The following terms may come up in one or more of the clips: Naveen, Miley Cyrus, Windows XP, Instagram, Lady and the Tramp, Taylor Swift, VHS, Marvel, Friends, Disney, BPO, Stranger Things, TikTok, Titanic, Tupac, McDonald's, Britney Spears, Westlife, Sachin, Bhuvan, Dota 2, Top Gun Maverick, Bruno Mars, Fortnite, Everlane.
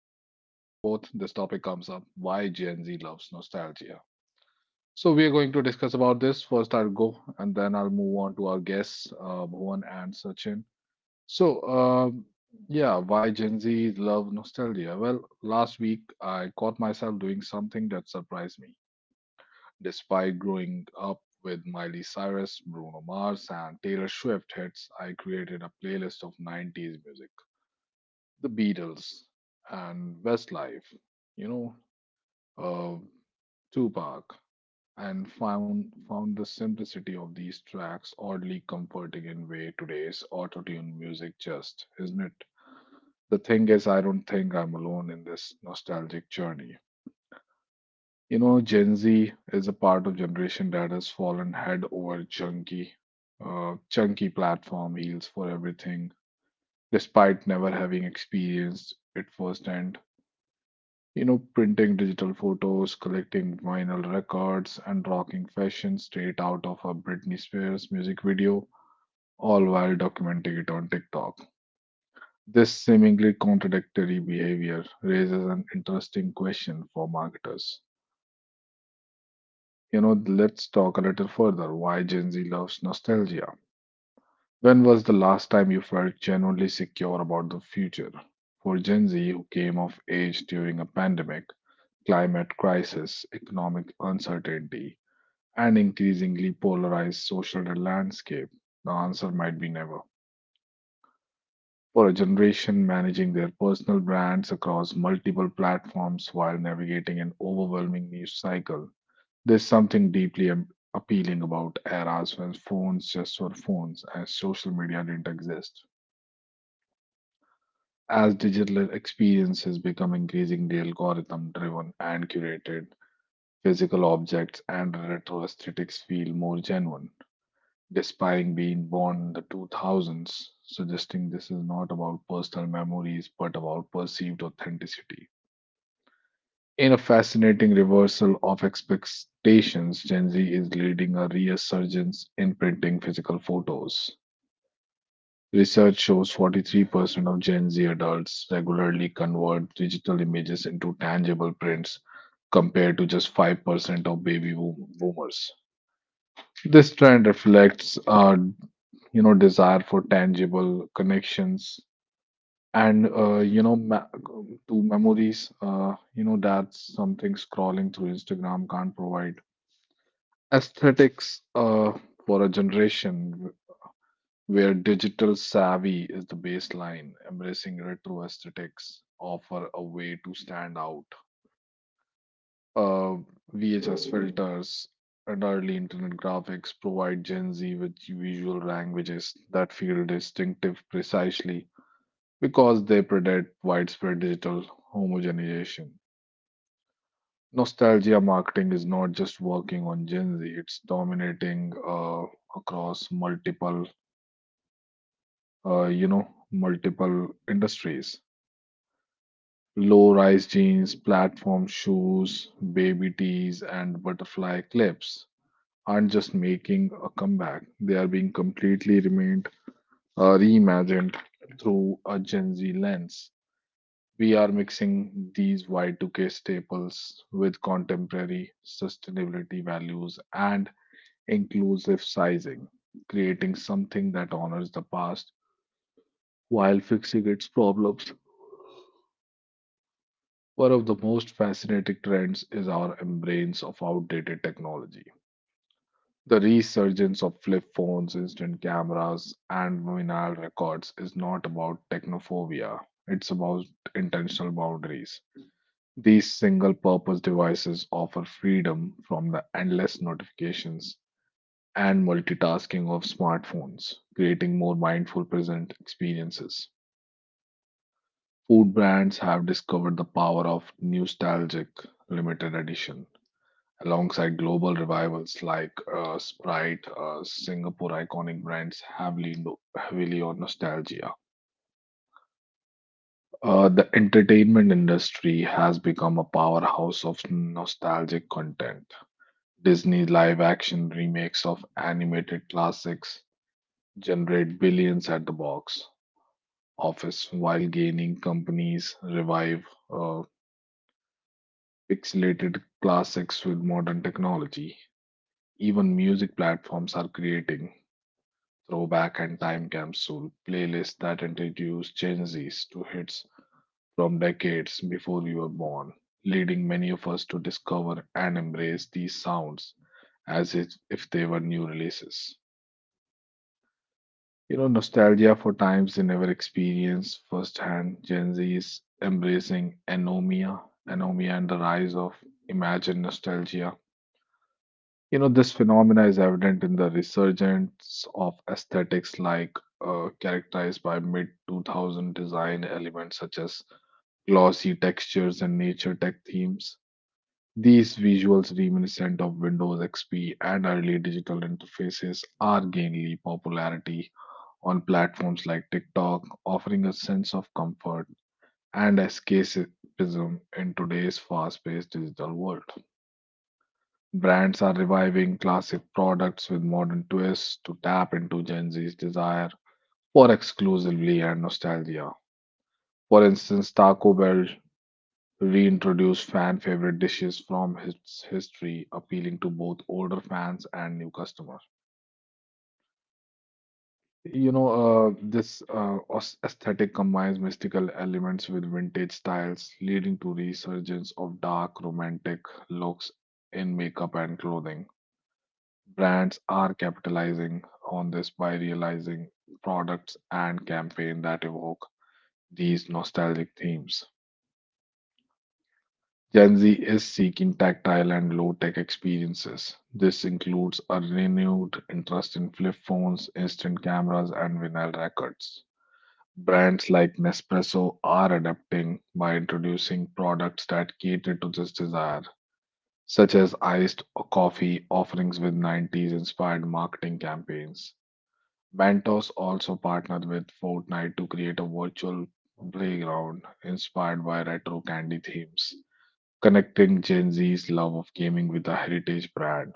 If we combine both, this topic comes up: why Gen Z loves nostalgia. So we are going to discuss about this. First, I'll go, and then I'll move on to our guests, Bhuvan and Sachin. So, um, yeah, why Gen Z love nostalgia? Well, last week I caught myself doing something that surprised me. Despite growing up with Miley Cyrus, Bruno Mars, and Taylor Swift hits, I created a playlist of 90s music. The Beatles and Westlife, you know, uh, Tupac, and found the simplicity of these tracks oddly comforting in way today's auto-tune music just, isn't it? The thing is, I don't think I'm alone in this nostalgic journey. You know, Gen Z is a part of generation that has fallen head over chunky platform heels for everything, despite never having experienced it firsthand. You know, printing digital photos, collecting vinyl records, and rocking fashion straight out of a Britney Spears music video, all while documenting it on TikTok. This seemingly contradictory behavior raises an interesting question for marketers. You know, let's talk a little further why Gen Z loves nostalgia. When was the last time you felt genuinely secure about the future? For Gen Z, who came of age during a pandemic, climate crisis, economic uncertainty, and increasingly polarized social landscape, the answer might be never. For a generation managing their personal brands across multiple platforms while navigating an overwhelming news cycle, there's something deeply appealing about eras when phones just were phones and social media didn't exist. As digital experiences become increasingly algorithm driven and curated, physical objects and retro aesthetics feel more genuine, despite being born in the 2000s, suggesting this is not about personal memories but about perceived authenticity. In a fascinating reversal of expectations, Gen Z is leading a resurgence in printing physical photos. Research shows 43% of Gen Z adults regularly convert digital images into tangible prints compared to just 5% of baby boomers. This trend reflects our, desire for tangible connections and, to memories. That's something scrolling through Instagram can't provide. Aesthetics, uh, for a generation where digital savvy is the baseline, embracing retro aesthetics offer a way to stand out. Uh, VHS filters and early internet graphics provide Gen Z with visual languages that feel distinctive precisely because they predate widespread digital homogenization. Nostalgia marketing is not just working on Gen Z, it's dominating across multiple industries. Low-rise jeans, platform shoes, baby tees, and butterfly clips aren't just making a comeback, they are being completely reimagined through a Gen Z lens. We are mixing these Y2K staples with contemporary sustainability values and inclusive sizing, creating something that honors the past while fixing its problems. One of the most fascinating trends is our embrace of outdated technology. The resurgence of flip phones, instant cameras, and vinyl records is not about technophobia. It's about intentional boundaries. These single purpose devices offer freedom from the endless notifications and multitasking of smartphones, creating more mindful present experiences. Food brands have discovered the power of nostalgic limited editions alongside global revivals like Sprite. Singapore iconic brands heavily heavily on nostalgia. The entertainment industry has become a powerhouse of nostalgic content. Disney live action remakes of animated classics generate billions at the box office while gaining companies revive uh, pixelated classics with modern technology. Even music platforms are creating Throwback and Time Capsule playlists that introduce Gen Zs to hits from decades before you were born, leading many of us to discover and embrace these sounds as if they were new releases. You know, nostalgia for times they never experienced firsthand. Gen Z is embracing anomia and the rise of imagined nostalgia. You know, this phenomena is evident in the resurgence of aesthetics like characterized by mid-2000 design elements such as glossy textures and nature tech themes. These visuals reminiscent of Windows XP and early digital interfaces are gaining popularity on platforms like TikTok, offering a sense of comfort and escapism in today's fast-paced digital world. Brands are reviving classic products with modern twists to tap into Gen Z's desire for exclusively and nostalgia. For instance, Taco Bell reintroduced fan favorite dishes from its history, appealing to both older fans and new customers. This aesthetic combines mystical elements with vintage styles, leading to resurgence of dark, romantic looks in makeup and clothing. Brands are capitalizing on this by realizing products and campaign that evoke these nostalgic themes. Gen Z is seeking tactile and low-tech experiences. This includes a renewed interest in flip phones, instant cameras, and vinyl records. Brands like Nespresso are adapting by introducing products that cater to this desire, such as iced coffee offerings with 90s inspired marketing campaigns. Bantos also partnered with Fortnite to create a virtual playground inspired by retro candy themes, connecting Gen Z's love of gaming with a heritage brand.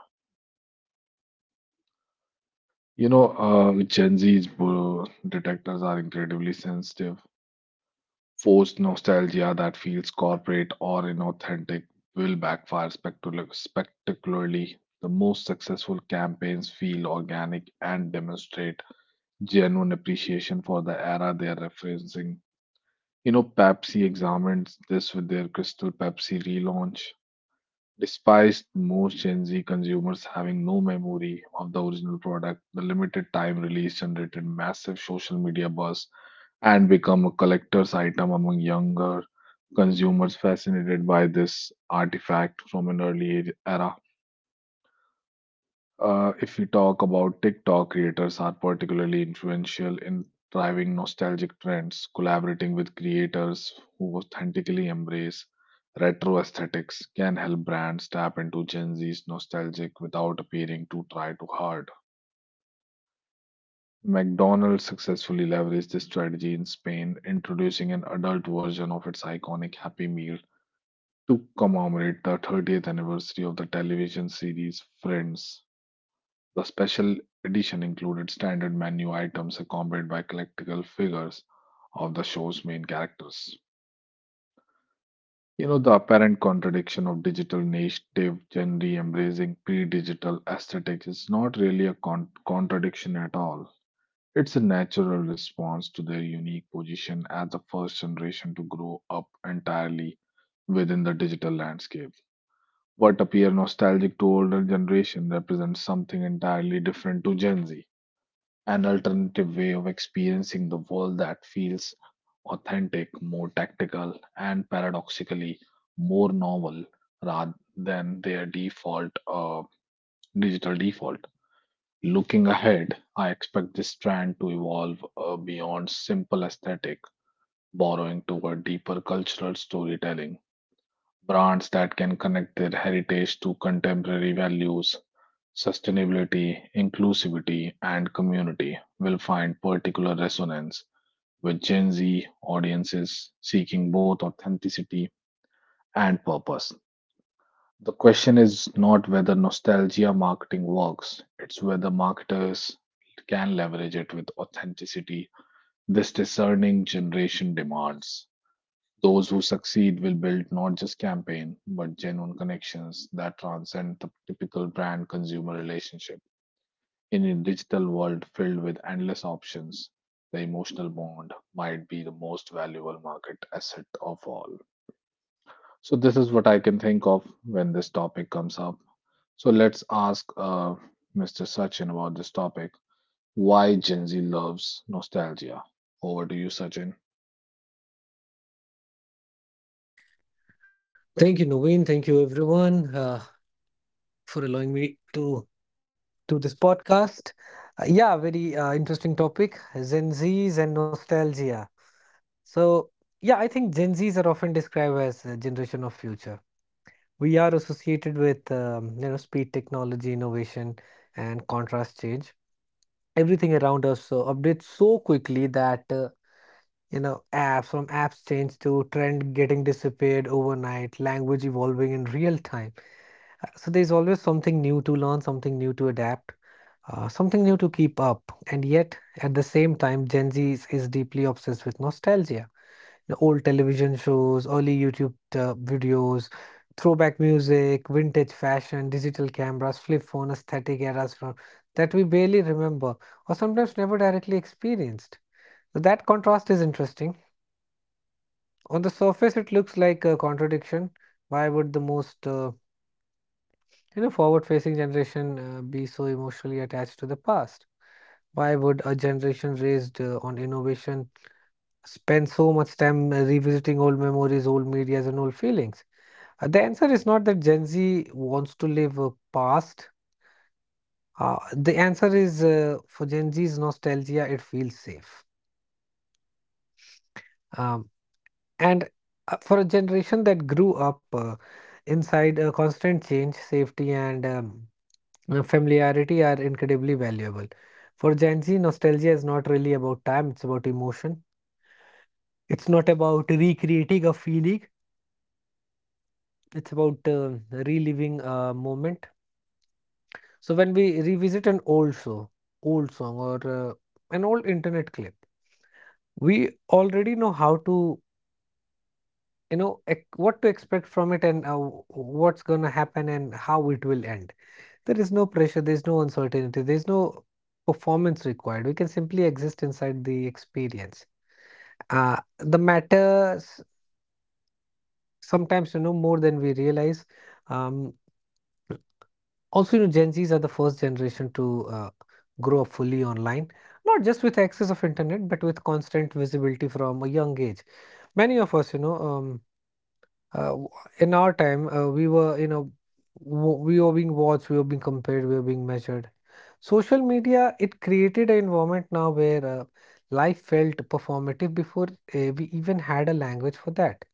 Gen Z's detectors are incredibly sensitive. Forced nostalgia that feels corporate or inauthentic will backfire spectacularly. The most successful campaigns feel organic and demonstrate genuine appreciation for the era they are referencing. You know, Pepsi examines this with their Crystal Pepsi relaunch, despite most Gen Z consumers having no memory of the original product. The limited time release generated massive social media buzz and become a collector's item among younger consumers fascinated by this artifact from an era. If we talk about TikTok, creators are particularly influential in driving nostalgic trends. Collaborating with creators who authentically embrace retro aesthetics can help brands tap into Gen Z's nostalgic without appearing to try too hard. McDonald's successfully leveraged this strategy in Spain, introducing an adult version of its iconic Happy Meal to commemorate the 30th anniversary of the television series Friends. The special edition included standard menu items accompanied by collectible figures of the show's main characters. You know, the apparent contradiction of digital native Gen Z embracing pre digital aesthetics is not really a contradiction at all. It's a natural response to their unique position as the first generation to grow up entirely within the digital landscape. What appear nostalgic to older generation represents something entirely different to Gen Z: an alternative way of experiencing the world that feels authentic, more tactical, and paradoxically more novel rather than their default digital default. Looking ahead, I expect this trend to evolve beyond simple aesthetic, borrowing toward deeper cultural storytelling. Brands that can connect their heritage to contemporary values, sustainability, inclusivity, and community will find particular resonance with Gen Z audiences seeking both authenticity and purpose. The question is not whether nostalgia marketing works, it's whether marketers can leverage it with authenticity this discerning generation demands. Those who succeed will build not just campaign, but genuine connections that transcend the typical brand consumer relationship. In a digital world filled with endless options, the emotional bond might be the most valuable market asset of all. So, this is what I can think of when this topic comes up. So, let's ask Mr. Sachin about this topic, why Gen Z loves nostalgia. Over to you, Sachin. Thank you, Naveen. Thank you, everyone, for allowing me to do this podcast. Yeah, very interesting topic, Gen Zs and nostalgia. So, yeah, I think Gen Zs are often described as a generation of future. We are associated with you know, speed, technology, innovation, and contrast change. Everything around us updates so quickly that you know, apps from apps change to trend getting disappeared overnight, language evolving in real time. So there's always something new to learn, something new to adapt, something new to keep up. And yet, at the same time, Gen Z is deeply obsessed with nostalgia. The old television shows, early YouTube videos, throwback music, vintage fashion, digital cameras, flip phone aesthetic eras from that we barely remember or sometimes never directly experienced. So that contrast is interesting. On the surface, it looks like a contradiction. Why would the most you know, forward-facing generation be so emotionally attached to the past? Why would a generation raised on innovation spend so much time revisiting old memories, old medias, and old feelings? The answer is not that Gen Z wants to live a past. The answer is, for Gen Z's nostalgia, it feels safe. Um, And for a generation that grew up inside a constant change, safety and familiarity are incredibly valuable. For Gen Z, nostalgia is not really about time, it's about emotion. It's not about recreating a feeling, it's about reliving a moment. So when we revisit an old show, old song, or an old internet clip, we already know how to what to expect from it, and what's going to happen and how it will end. There is no pressure, there's no uncertainty, there's no performance required. We can simply exist inside the experience. The matters sometimes, you know, more than we realize. um, also, you know, Gen Zs are the first generation to grow up fully online, not just with access of internet but with constant visibility from a young age. Many of us, you know, uh, w- in our time, we were, you know, we were being watched, we were being compared, we were being measured. Social media, it created an environment now where life felt performative before we even had a language for that.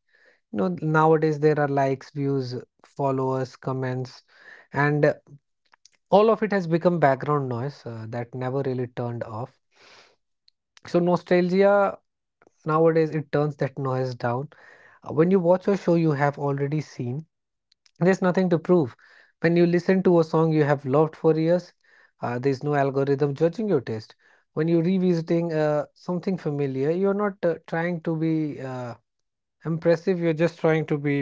You know, nowadays there are likes, views, followers, comments, and all of it has become background noise that never really turned off. So nostalgia nowadays, it turns that noise down. When you watch a show you have already seen, there's nothing to prove. When you listen to a song you have loved for years, there's no algorithm judging your taste. When you're revisiting something familiar, you're not trying to be impressive, you're just trying to be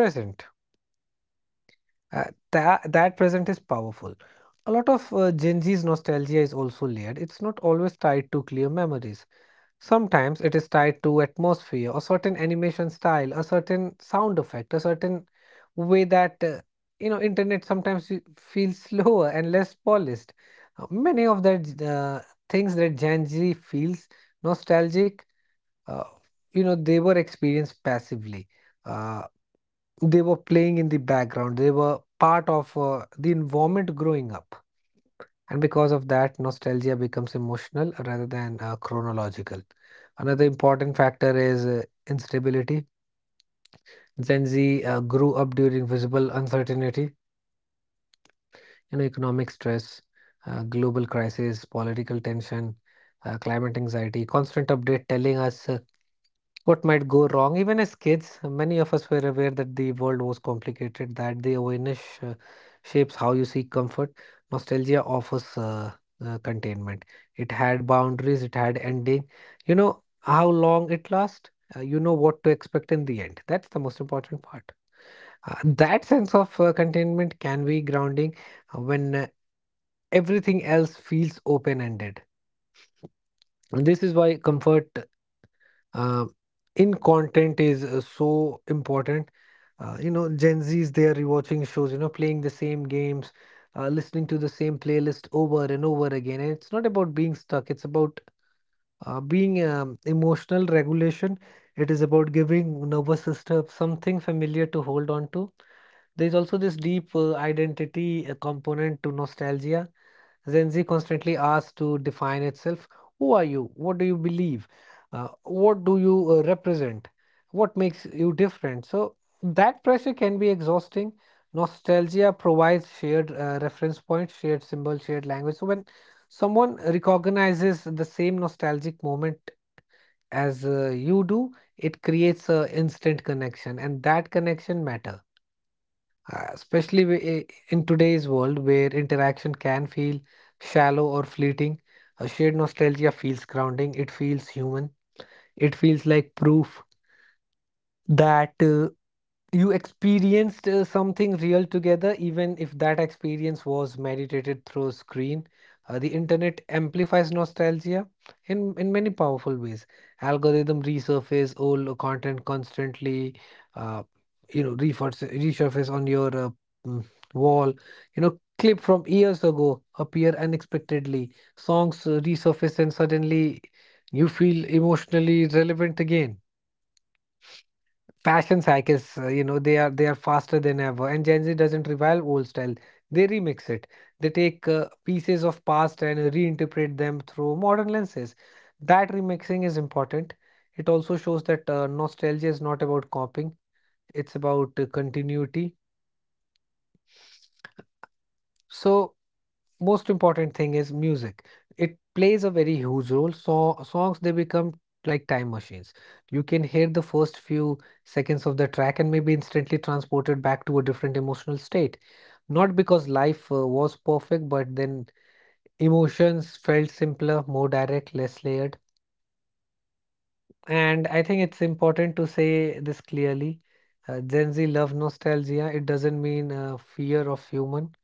present. Uh, that present is powerful. A lot of Gen Z's nostalgia is also layered. It's not always tied to clear memories. Sometimes it is tied to atmosphere, a certain animation style, a certain sound effect, a certain way that you know, internet sometimes you feel slower and less polished. Many of that things that Gen Z feels nostalgic, uh, you know, they were experienced passively. Uh, they were playing in the background. They were part of the environment growing up. And because of that, nostalgia becomes emotional rather than chronological. Another important factor is instability. Gen Z grew up during visible uncertainty, you know, economic stress, global crisis, political tension, climate anxiety, constant update telling us what might go wrong. Even as kids, many of us were aware that the world was complicated, that the awareness shapes how you seek comfort. Nostalgia offers containment. It had boundaries, it had ending. You know how long it lasts, you know what to expect in the end. That's the most important part. That sense of containment can be grounding when everything else feels open ended. This is why comfort uh, in content is so important. You know, Gen Zs, they are rewatching shows, you know, playing the same games, listening to the same playlist over and over again. And it's not about being stuck, it's about being emotional regulation. It is about giving nervous system something familiar to hold on to. There's also this deep identity component to nostalgia. Gen Z constantly asks to define itself. Who are you? What do you believe? What do you represent? What makes you different? So that pressure can be exhausting. Nostalgia provides shared reference points, shared symbols, shared language. So when someone recognizes the same nostalgic moment as you do, it creates an instant connection, and that connection matters. Especially in today's world where interaction can feel shallow or fleeting, a shared nostalgia feels grounding. It feels human. It feels like proof that you experienced something real together, even if that experience was meditated through screen. The internet amplifies nostalgia in many powerful ways. Algorithm resurface old content constantly, uh, you know, resurface on your mm, wall. You know, clip from years ago appear unexpectedly. Songs resurface and suddenly you feel emotionally relevant again. Fashion cycles, you know, they are faster than ever, and Gen Z doesn't revile old style. They remix it. They take pieces of past and reinterpret them through modern lenses. That remixing is important. It also shows that nostalgia is not about copying; it's about continuity. So, most important thing is music. It plays a very huge role. So songs, they become like time machines. You can hear the first few seconds of the track and maybe instantly transported back to a different emotional state, not because life was perfect, but then emotions felt simpler, more direct, less layered. And I think it's important to say this clearly. Gen Z love nostalgia, it doesn't mean fear of human.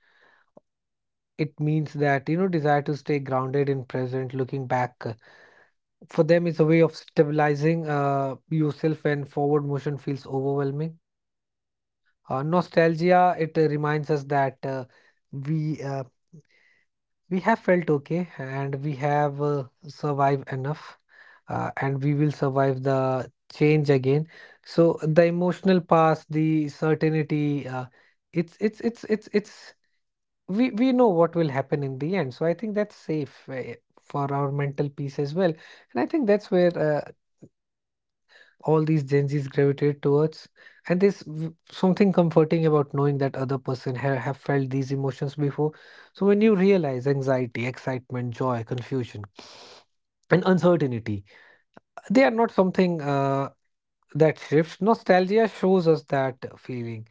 It means that, you know, desire to stay grounded in present, looking back. For them, is a way of stabilizing yourself when forward motion feels overwhelming. Nostalgia, it reminds us that we uh, we have felt okay, and we have survived enough, and we will survive the change again. So the emotional past, the certainty, it's we know what will happen in the end, so I think that's safe for our mental peace as well. And I think that's where all these Gen Zs gravitate towards. And there's something comforting about knowing that other person have felt these emotions before. So when you realize anxiety, excitement, joy, confusion, and uncertainty, they are not something that shifts. Nostalgia shows us that feeling.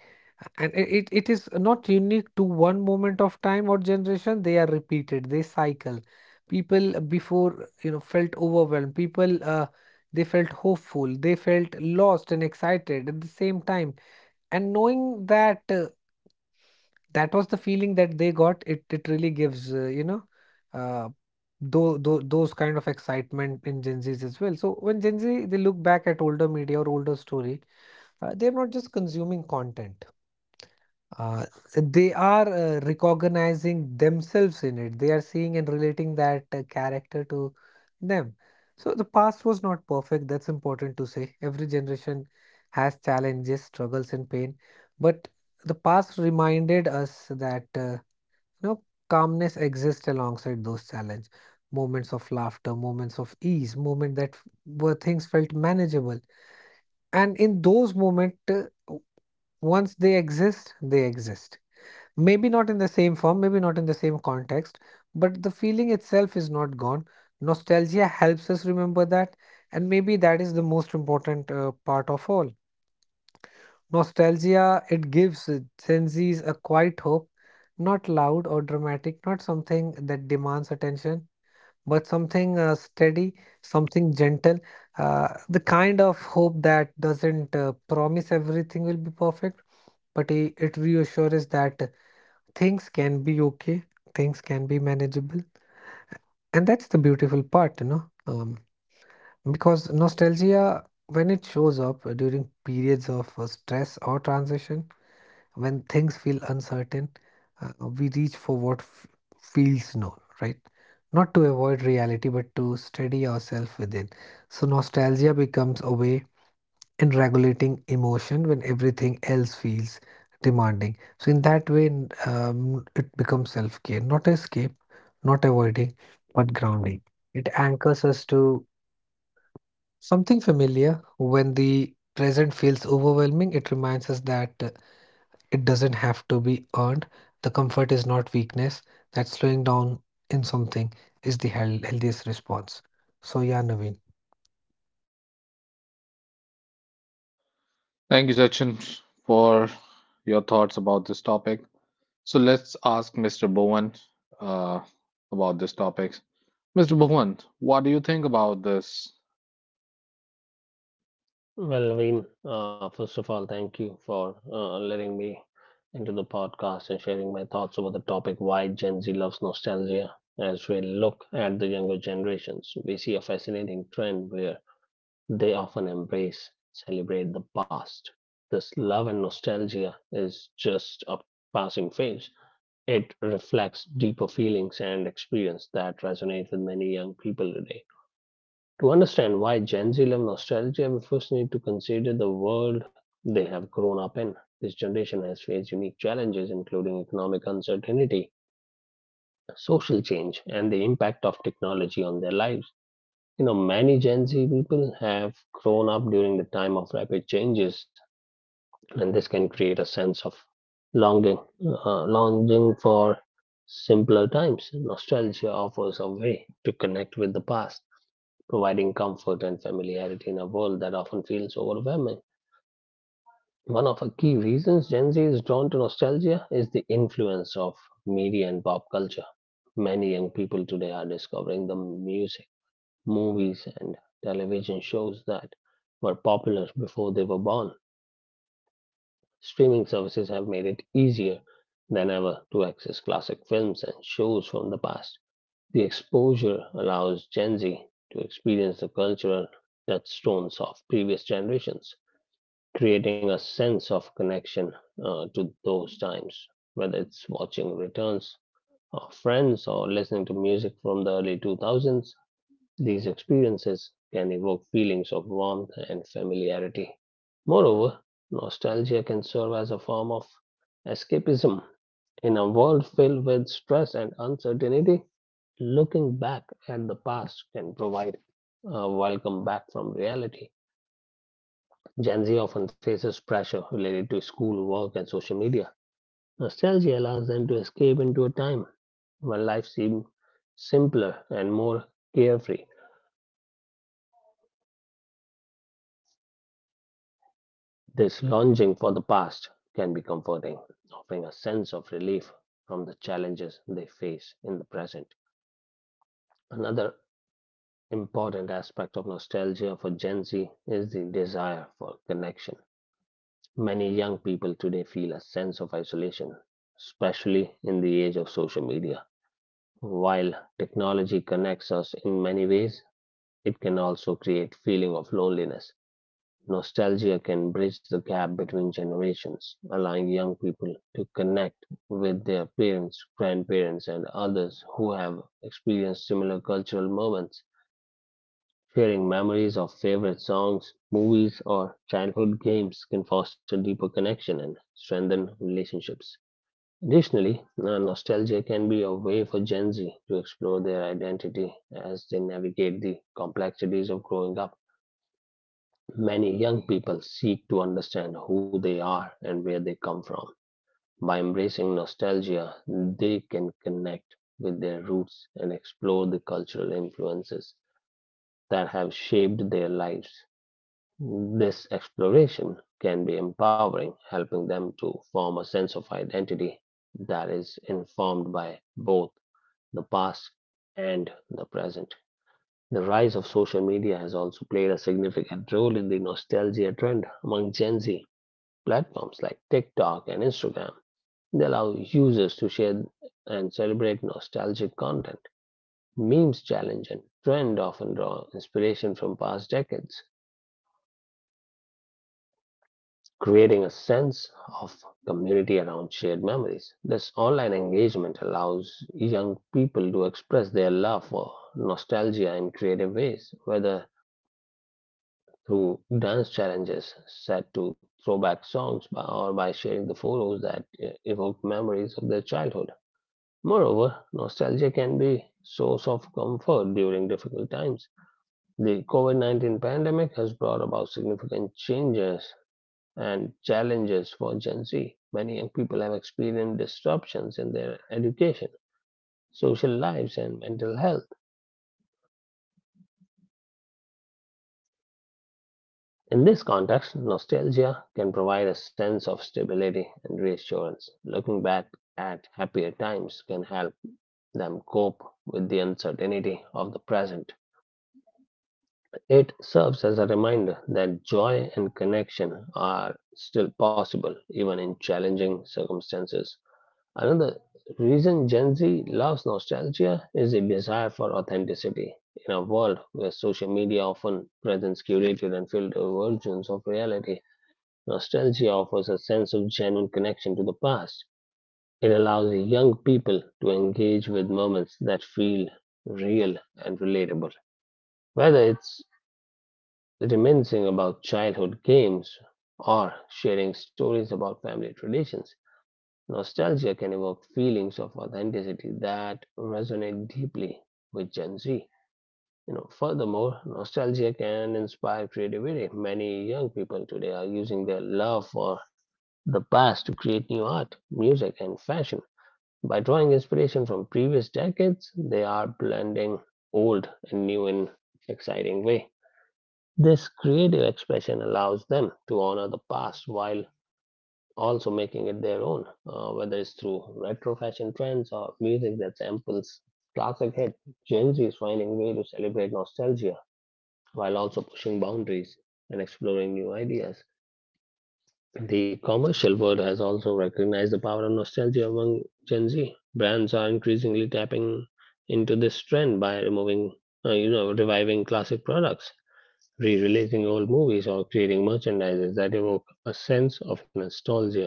And it is not unique to one moment of time or generation. They are repeated, they cycle. People before, you know, felt overwhelmed. People, they felt hopeful. They felt lost and excited at the same time. And knowing that that was the feeling that they got, it really gives, you know, uh, though, those kind of excitement in Gen Zs as well. So when Gen Z they look back at older media or older story, they're not just consuming content. Uh, they are recognizing themselves in it. They are seeing and relating that character to them. So the past was not perfect. That's important to say. Every generation has challenges, struggles, and pain, but the past reminded us that. You know, calmness exists alongside those challenges, moments of laughter, moments of ease, moments where things felt manageable. And in those moments, once they exist, they exist. Maybe not in the same form, maybe not in the same context, but the feeling itself is not gone. Nostalgia helps us remember that, and maybe that is the most important part of all. Nostalgia, it gives Gen Zs a quiet hope, not loud or dramatic, not something that demands attention, but something steady, something gentle, the kind of hope that doesn't promise everything will be perfect, but it reassures that things can be okay, things can be manageable. And that's the beautiful part, you know, because nostalgia, when it shows up during periods of stress or transition, when things feel uncertain, we reach for what feels known, right? Not to avoid reality, but to steady ourselves within. So, nostalgia becomes a way in regulating emotion when everything else feels demanding. So, in that way, it becomes self care, not escape, not avoiding, but grounding. It anchors us to something familiar when the present feels overwhelming. It reminds us that it doesn't have to be earned. The comfort is not weakness. That slowing down in something is the healthiest response. So yeah, Naveen. Thank you, Sachin, for your thoughts about this topic. So, let's ask Mr. Bowen uh, about this topic. Mr. Bhuvan, what do you think about this? Well, Naveen, first of all, thank you for letting me into the podcast and sharing my thoughts over the topic why Gen Z loves nostalgia. As we look at the younger generations, we see a fascinating trend where they often embrace, celebrate the past. This love and nostalgia is just a passing phase. It reflects deeper feelings and experience that resonate with many young people today. To understand why Gen Z love nostalgia, we first need to consider the world they have grown up in. This generation has faced unique challenges, including economic uncertainty, social change, and the impact of technology on their lives. You know, many Gen Z people have grown up during the time of rapid changes, and this can create a sense of longing, longing for simpler times. Nostalgia offers a way to connect with the past, providing comfort and familiarity in a world that often feels overwhelming. One of the key reasons Gen Z is drawn to nostalgia is the influence of media and pop culture. Many young people today are discovering the music, movies, and television shows that were popular before they were born. Streaming services have made it easier than ever to access classic films and shows from the past. The exposure allows Gen Z to experience the cultural touchstones of previous generations, creating a sense of connection to those times, whether it's watching returns of Friends or listening to music from the early 2000s. These experiences can evoke feelings of warmth and familiarity. Moreover, nostalgia can serve as a form of escapism. In a world filled with stress and uncertainty, looking back at the past can provide a welcome back from reality. Gen Z often faces pressure related to school, work, and social media. Nostalgia allows them to escape into a time when life seemed simpler and more carefree. This longing for the past can be comforting, offering a sense of relief from the challenges they face in the present. Another important aspect of nostalgia for Gen Z is the desire for connection. Many young people today feel a sense of isolation, especially in the age of social media. While technology connects us in many ways, it can also create feeling of loneliness. Nostalgia can bridge the gap between generations, allowing young people to connect with their parents, grandparents, and others who have experienced similar cultural moments. Sharing memories of favorite songs, movies, or childhood games can foster deeper connection and strengthen relationships. Additionally, nostalgia can be a way for Gen Z to explore their identity as they navigate the complexities of growing up. Many young people seek to understand who they are and where they come from. By embracing nostalgia, they can connect with their roots and explore the cultural influences that have shaped their lives. This exploration can be empowering, helping them to form a sense of identity that is informed by both the past and the present. The rise of social media has also played a significant role in the nostalgia trend among Gen Z. Platforms like TikTok and Instagram, they allow users to share and celebrate nostalgic content. Memes challenge and trend often draw inspiration from past decades, creating a sense of community around shared memories. This online engagement allows young people to express their love for nostalgia in creative ways, whether through dance challenges set to throwback songs by, or by sharing the photos that evoke memories of their childhood. Moreover, nostalgia can be source of comfort during difficult times. The COVID-19 pandemic has brought about significant changes and challenges for Gen Z. Many young people have experienced disruptions in their education, social lives, and mental health. In this context, nostalgia can provide a sense of stability and reassurance. Looking back at happier times can help them cope with the uncertainty of the present. It serves as a reminder that joy and connection are still possible, even in challenging circumstances. Another reason Gen Z loves nostalgia is a desire for authenticity. In a world where social media often presents curated and filtered versions of reality, nostalgia offers a sense of genuine connection to the past. It allows young people to engage with moments that feel real and relatable. Whether it's reminiscing about childhood games or sharing stories about family traditions, nostalgia can evoke feelings of authenticity that resonate deeply with Gen Z. You know, furthermore, nostalgia can inspire creativity. Many young people today are using their love for the past to create new art, music, and fashion. By drawing inspiration from previous decades, they are blending old and new in exciting way. This creative expression allows them to honor the past while also making it their own, whether it's through retro fashion trends or music that samples classic hits. Gen Z is finding a way to celebrate nostalgia while also pushing boundaries and exploring new ideas. The commercial world has also recognized the power of nostalgia among Gen Z. Brands are increasingly tapping into this trend by removing, reviving classic products, re-releasing old movies, or creating merchandises that evoke a sense of nostalgia.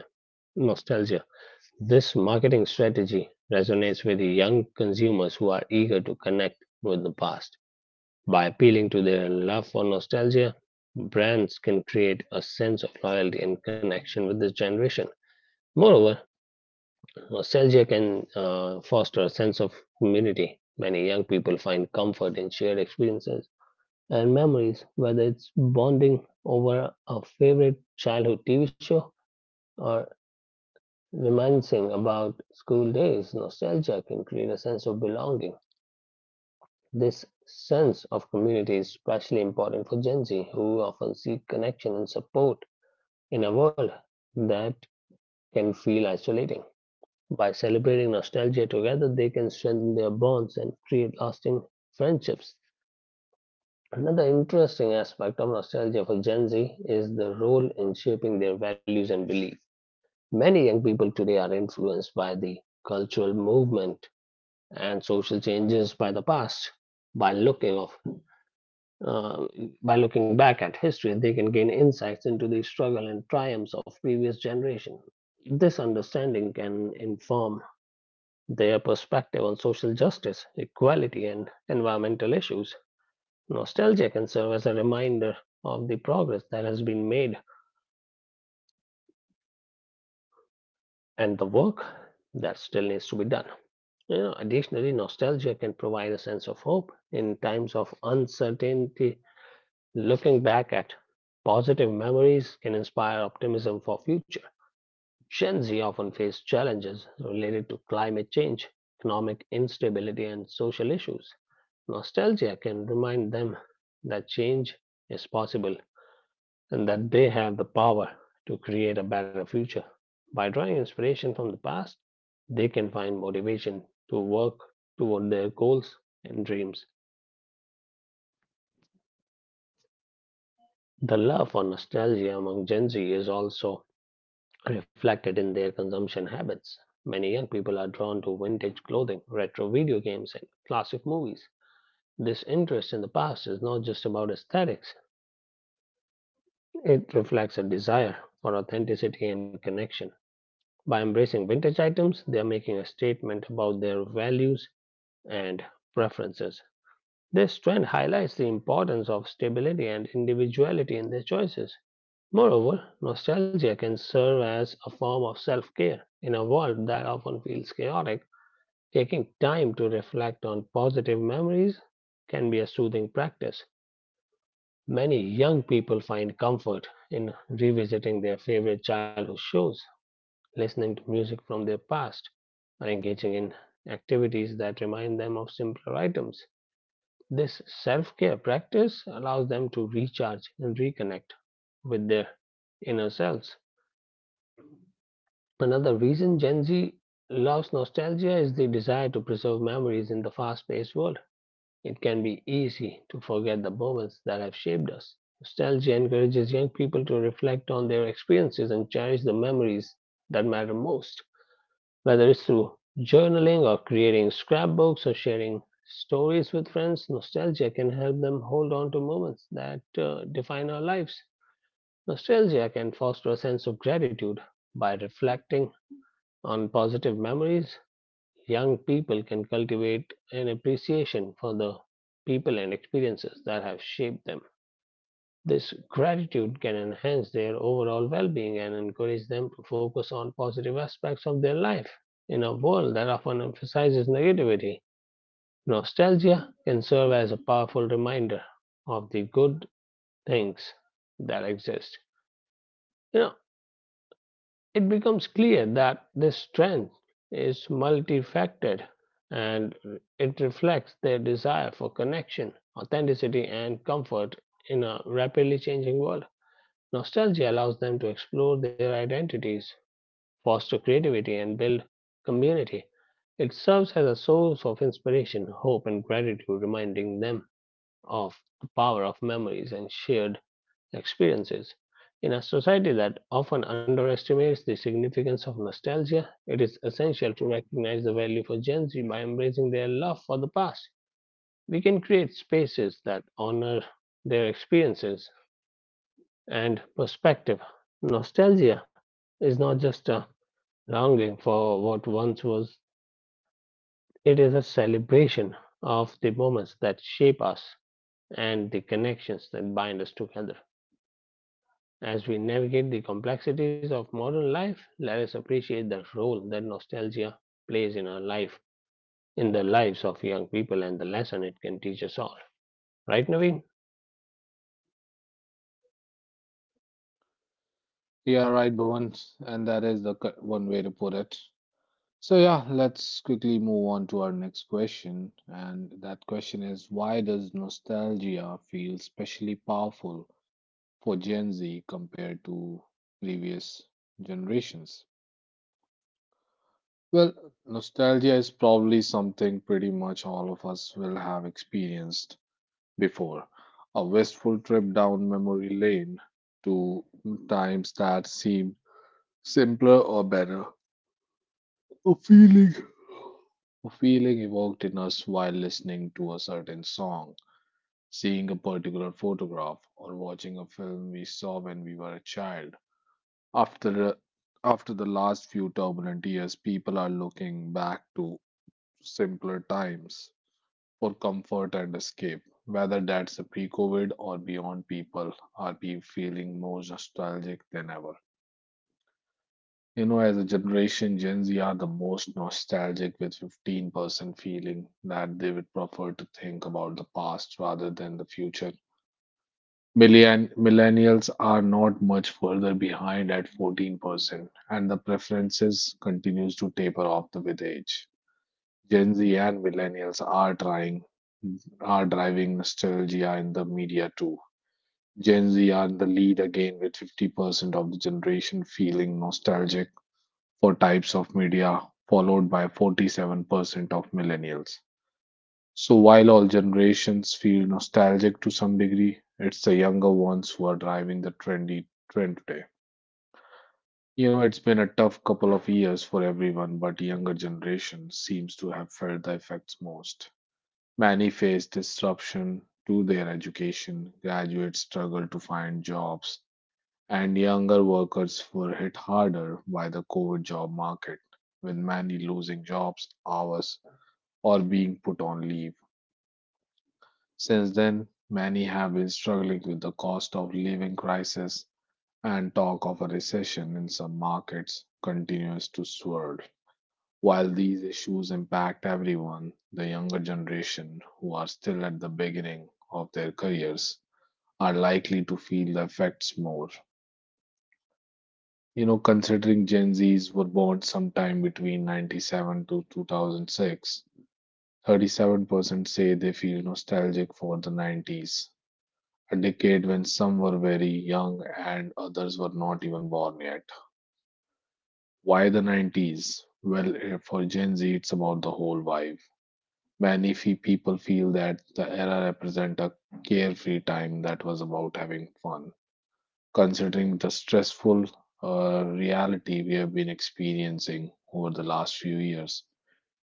Nostalgia. This marketing strategy resonates with the young consumers who are eager to connect with the past. By appealing to their love for nostalgia, brands can create a sense of loyalty and connection with this generation. Moreover, nostalgia can foster a sense of community. Many young people find comfort in shared experiences and memories, whether it's bonding over a favorite childhood TV show or reminiscing about school days. Nostalgia can create a sense of belonging. This sense of community is especially important for Gen Z, who often seek connection and support in a world that can feel isolating. By celebrating nostalgia together, they can strengthen their bonds and create lasting friendships. Another interesting aspect of nostalgia for Gen Z is the role in shaping their values and beliefs. Many young people today are influenced by the cultural movement and social changes by the past. By looking of, uh, by looking back at history, they can gain insights into the struggle and triumphs of previous generation. This understanding can inform their perspective on social justice, equality, and environmental issues. Nostalgia can serve as a reminder of the progress that has been made and the work that still needs to be done. You know, additionally, nostalgia can provide a sense of hope in times of uncertainty. Looking back at positive memories can inspire optimism for future. Gen Z often face challenges related to climate change, economic instability, and social issues. Nostalgia can remind them that change is possible and that they have the power to create a better future. By drawing inspiration from the past, they can find motivation to work toward their goals and dreams. The love for nostalgia among Gen Z is also reflected in their consumption habits. Many young people are drawn to vintage clothing, retro video games, and classic movies. This interest in the past is not just about aesthetics, it reflects a desire for authenticity and connection. By embracing vintage items, they are making a statement about their values and preferences. This trend highlights the importance of stability and individuality in their choices. Moreover, nostalgia can serve as a form of self care in a world that often feels chaotic. Taking time to reflect on positive memories can be a soothing practice. Many young people find comfort in revisiting their favorite childhood shows, listening to music from their past, or engaging in activities that remind them of simpler items. This self care practice allows them to recharge and reconnect with their inner selves. Another reason Gen Z loves nostalgia is the desire to preserve memories in the fast paced world. It can be easy to forget the moments that have shaped us. Nostalgia encourages young people to reflect on their experiences and cherish the memories that matter most. Whether it's through journaling or creating scrapbooks or sharing stories with friends, nostalgia can help them hold on to moments that define our lives. Nostalgia can foster a sense of gratitude. By reflecting on positive memories, young people can cultivate an appreciation for the people and experiences that have shaped them. This gratitude can enhance their overall well being and encourage them to focus on positive aspects of their life. In a world that often emphasizes negativity, nostalgia can serve as a powerful reminder of the good things that exist. You know, it becomes clear that this strength is multifaceted and it reflects their desire for connection, authenticity, and comfort in a rapidly changing world. Nostalgia allows them to explore their identities, foster creativity, and build community. It serves as a source of inspiration, hope, and gratitude, reminding them of the power of memories and shared experiences. In a society that often underestimates the significance of nostalgia, it is essential to recognize the value for Gen Z by embracing their love for the past. We can create spaces that honor their experiences and perspective. Nostalgia is not just a longing for what once was, it is a celebration of the moments that shape us and the connections that bind us together. As we navigate the complexities of modern life, let us appreciate the role that nostalgia plays in our life, in the lives of young people, and the lesson it can teach us all. Right, Naveen? Yeah, right, Bhuvan. And that is the one way to put it. So, yeah, let's quickly move on to our next question. And that question is, why does nostalgia feel especially powerful for Gen Z compared to previous generations? Well, nostalgia is probably something pretty much all of us will have experienced before. A wistful trip down memory lane to times that seemed simpler or better. A feeling. A feeling evoked in us while listening to a certain song, seeing a particular photograph, or watching a film we saw when we were a child. After, after the last few turbulent years, people are looking back to simpler times for comfort and escape. Whether that's a pre COVID or beyond, people are be feeling more nostalgic than ever. You know, as a generation, Gen Z are the most nostalgic, with 15% feeling that they would prefer to think about the past rather than the future. Millennials are not much further behind at 14%, and the preferences continues to taper off with age. Gen Z and millennials are driving nostalgia in the media too. Gen Z are in the lead again with 50% of the generation feeling nostalgic for types of media, followed by 47% of millennials. So, while all generations feel nostalgic to some degree, it's the younger ones who are driving the trend today. You know, it's been a tough couple of years for everyone, but younger generation seems to have felt the effects most. Many face disruption to their education, graduates struggle to find jobs, and younger workers were hit harder by the COVID job market, with many losing jobs, hours, or being put on leave. Since then, many have been struggling with the cost of living crisis, and talk of a recession in some markets continues to swirl. While these issues impact everyone, the younger generation, who are still at the beginning of their careers, are likely to feel the effects more. You know, considering Gen Zs were born sometime between 97 to 2006, 37% say they feel nostalgic for the 90s, a decade when some were very young and others were not even born yet. Why the 90s? Well, for Gen Z, it's about the whole vibe. People feel that the era represents a carefree time that was about having fun. Considering the stressful reality we have been experiencing over the last few years.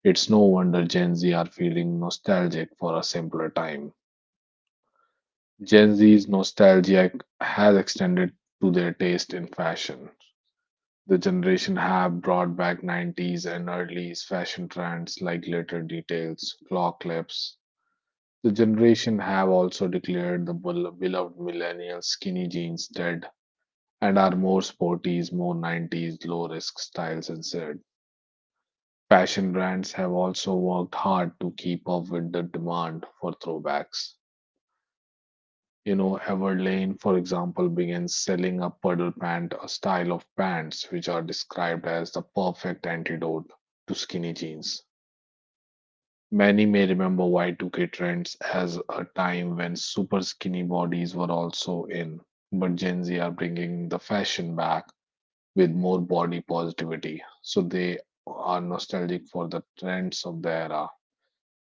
It's no wonder Gen Z are feeling nostalgic for a simpler time. Gen Z's nostalgia has extended to their taste in fashion. The generation have brought back 90s and early's fashion trends like glitter details, claw clips. The generation have also declared the beloved millennial skinny jeans dead and are more sporties, more 90s, low risk styles instead. Fashion brands have also worked hard to keep up with the demand for throwbacks. You know, Everlane, for example, began selling a puddle pant, a style of pants which are described as the perfect antidote to skinny jeans. Many may remember Y2K trends as a time when super skinny bodies were also in, but Gen Z are bringing the fashion back with more body positivity. So they are nostalgic for the trends of the era.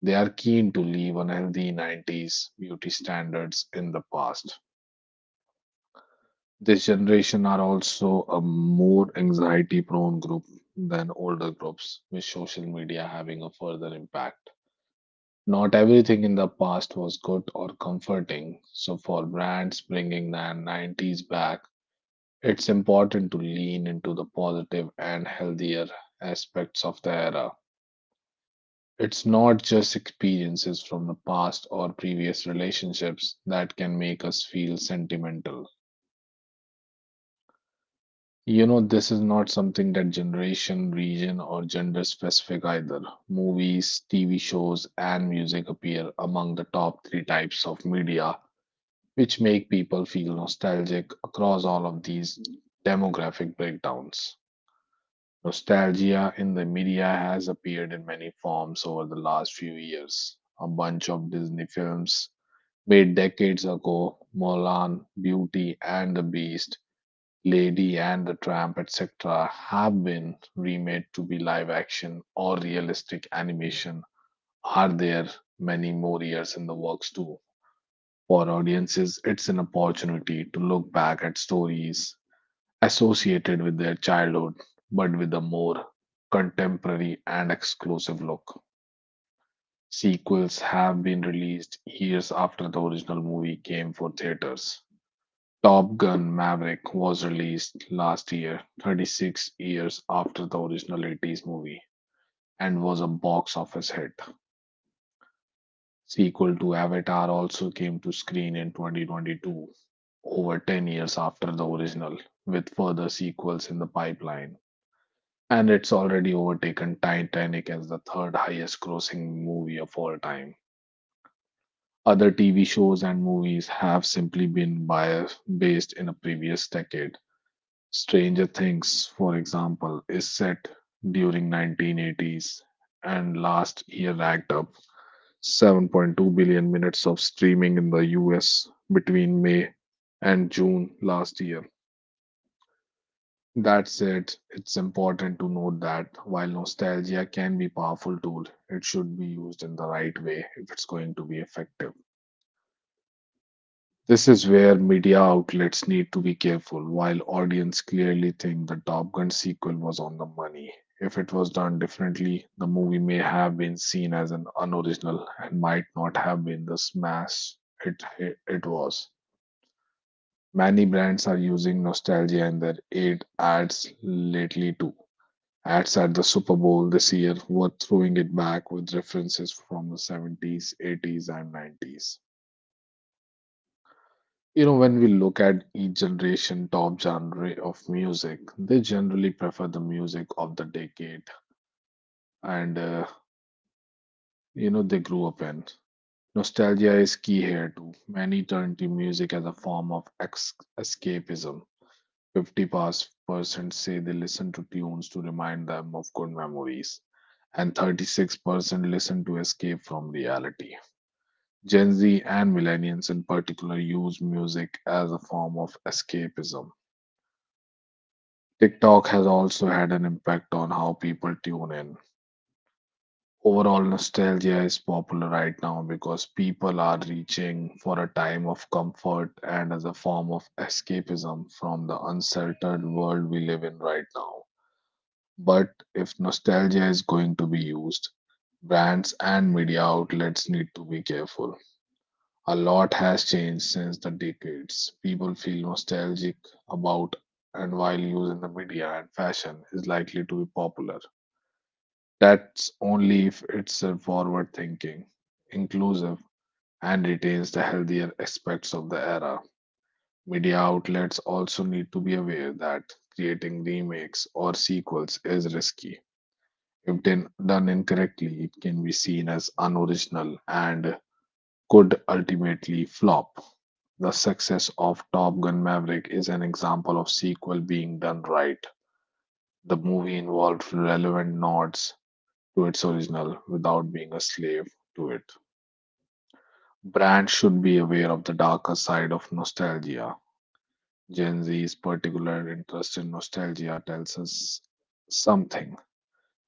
They are keen to leave unhealthy 90s beauty standards in the past. This generation are also a more anxiety prone group than older groups, with social media having a further impact. Not everything in the past was good or comforting, so for brands bringing the 90s back, it's important to lean into the positive and healthier aspects of the era. It's not just experiences from the past or previous relationships that can make us feel sentimental. You know, this is not something that generation, region, or gender specific either. Movies, TV shows, and music appear among the top three types of media, which make people feel nostalgic across all of these demographic breakdowns. Nostalgia in the media has appeared in many forms over the last few years. A bunch of Disney films made decades ago, Mulan, Beauty and the Beast, Lady and the Tramp, etc., have been remade to be live action or realistic animation. Are there many more years in the works too? For audiences, it's an opportunity to look back at stories associated with their childhood, but with a more contemporary and exclusive look. Sequels have been released years after the original movie came for theaters. Top Gun Maverick was released last year, 36 years after the original 80s movie, and was a box office hit. Sequel to Avatar also came to screen in 2022, over 10 years after the original, with further sequels in the pipeline, and it's already overtaken Titanic as the third highest grossing movie of all time. Other TV shows and movies have simply been bias based in a previous decade. Stranger Things, for example, is set during 1980s, and last year racked up 7.2 billion minutes of streaming in the US between May and June last year. That's it. It's important to note that while nostalgia can be a powerful tool, it should be used in the right way if it's going to be effective. This is where media outlets need to be careful. While audience clearly think the Top Gun sequel was on the money, if it was done differently, the movie may have been seen as an unoriginal and might not have been the smash it was. Many brands are using nostalgia in their aid ads lately too. Ads at the Super Bowl this year were throwing it back with references from the 70s, 80s, and 90s. You know, when we look at each generation top genre of music, they generally prefer the music of the decade and they grew up in. Nostalgia is key here too. Many turn to music as a form of escapism. 50% say they listen to tunes to remind them of good memories, and 36% listen to escape from reality. Gen Z and millennials in particular use music as a form of escapism. TikTok has also had an impact on how people tune in. Overall, nostalgia is popular right now because people are reaching for a time of comfort and as a form of escapism from the unsettled world we live in right now. But if nostalgia is going to be used, brands and media outlets need to be careful. A lot has changed since the decades people feel nostalgic about, and while use in the media and fashion is likely to be popular, that's only if it's a forward thinking, inclusive, and retains the healthier aspects of the era. Media outlets also need to be aware that creating remakes or sequels is risky. If done incorrectly, it can be seen as unoriginal and could ultimately flop. The success of Top Gun Maverick is an example of sequel being done right. The movie involved relevant nods to its original without being a slave to it. Brands should be aware of the darker side of nostalgia. Gen Z's particular interest in nostalgia tells us something.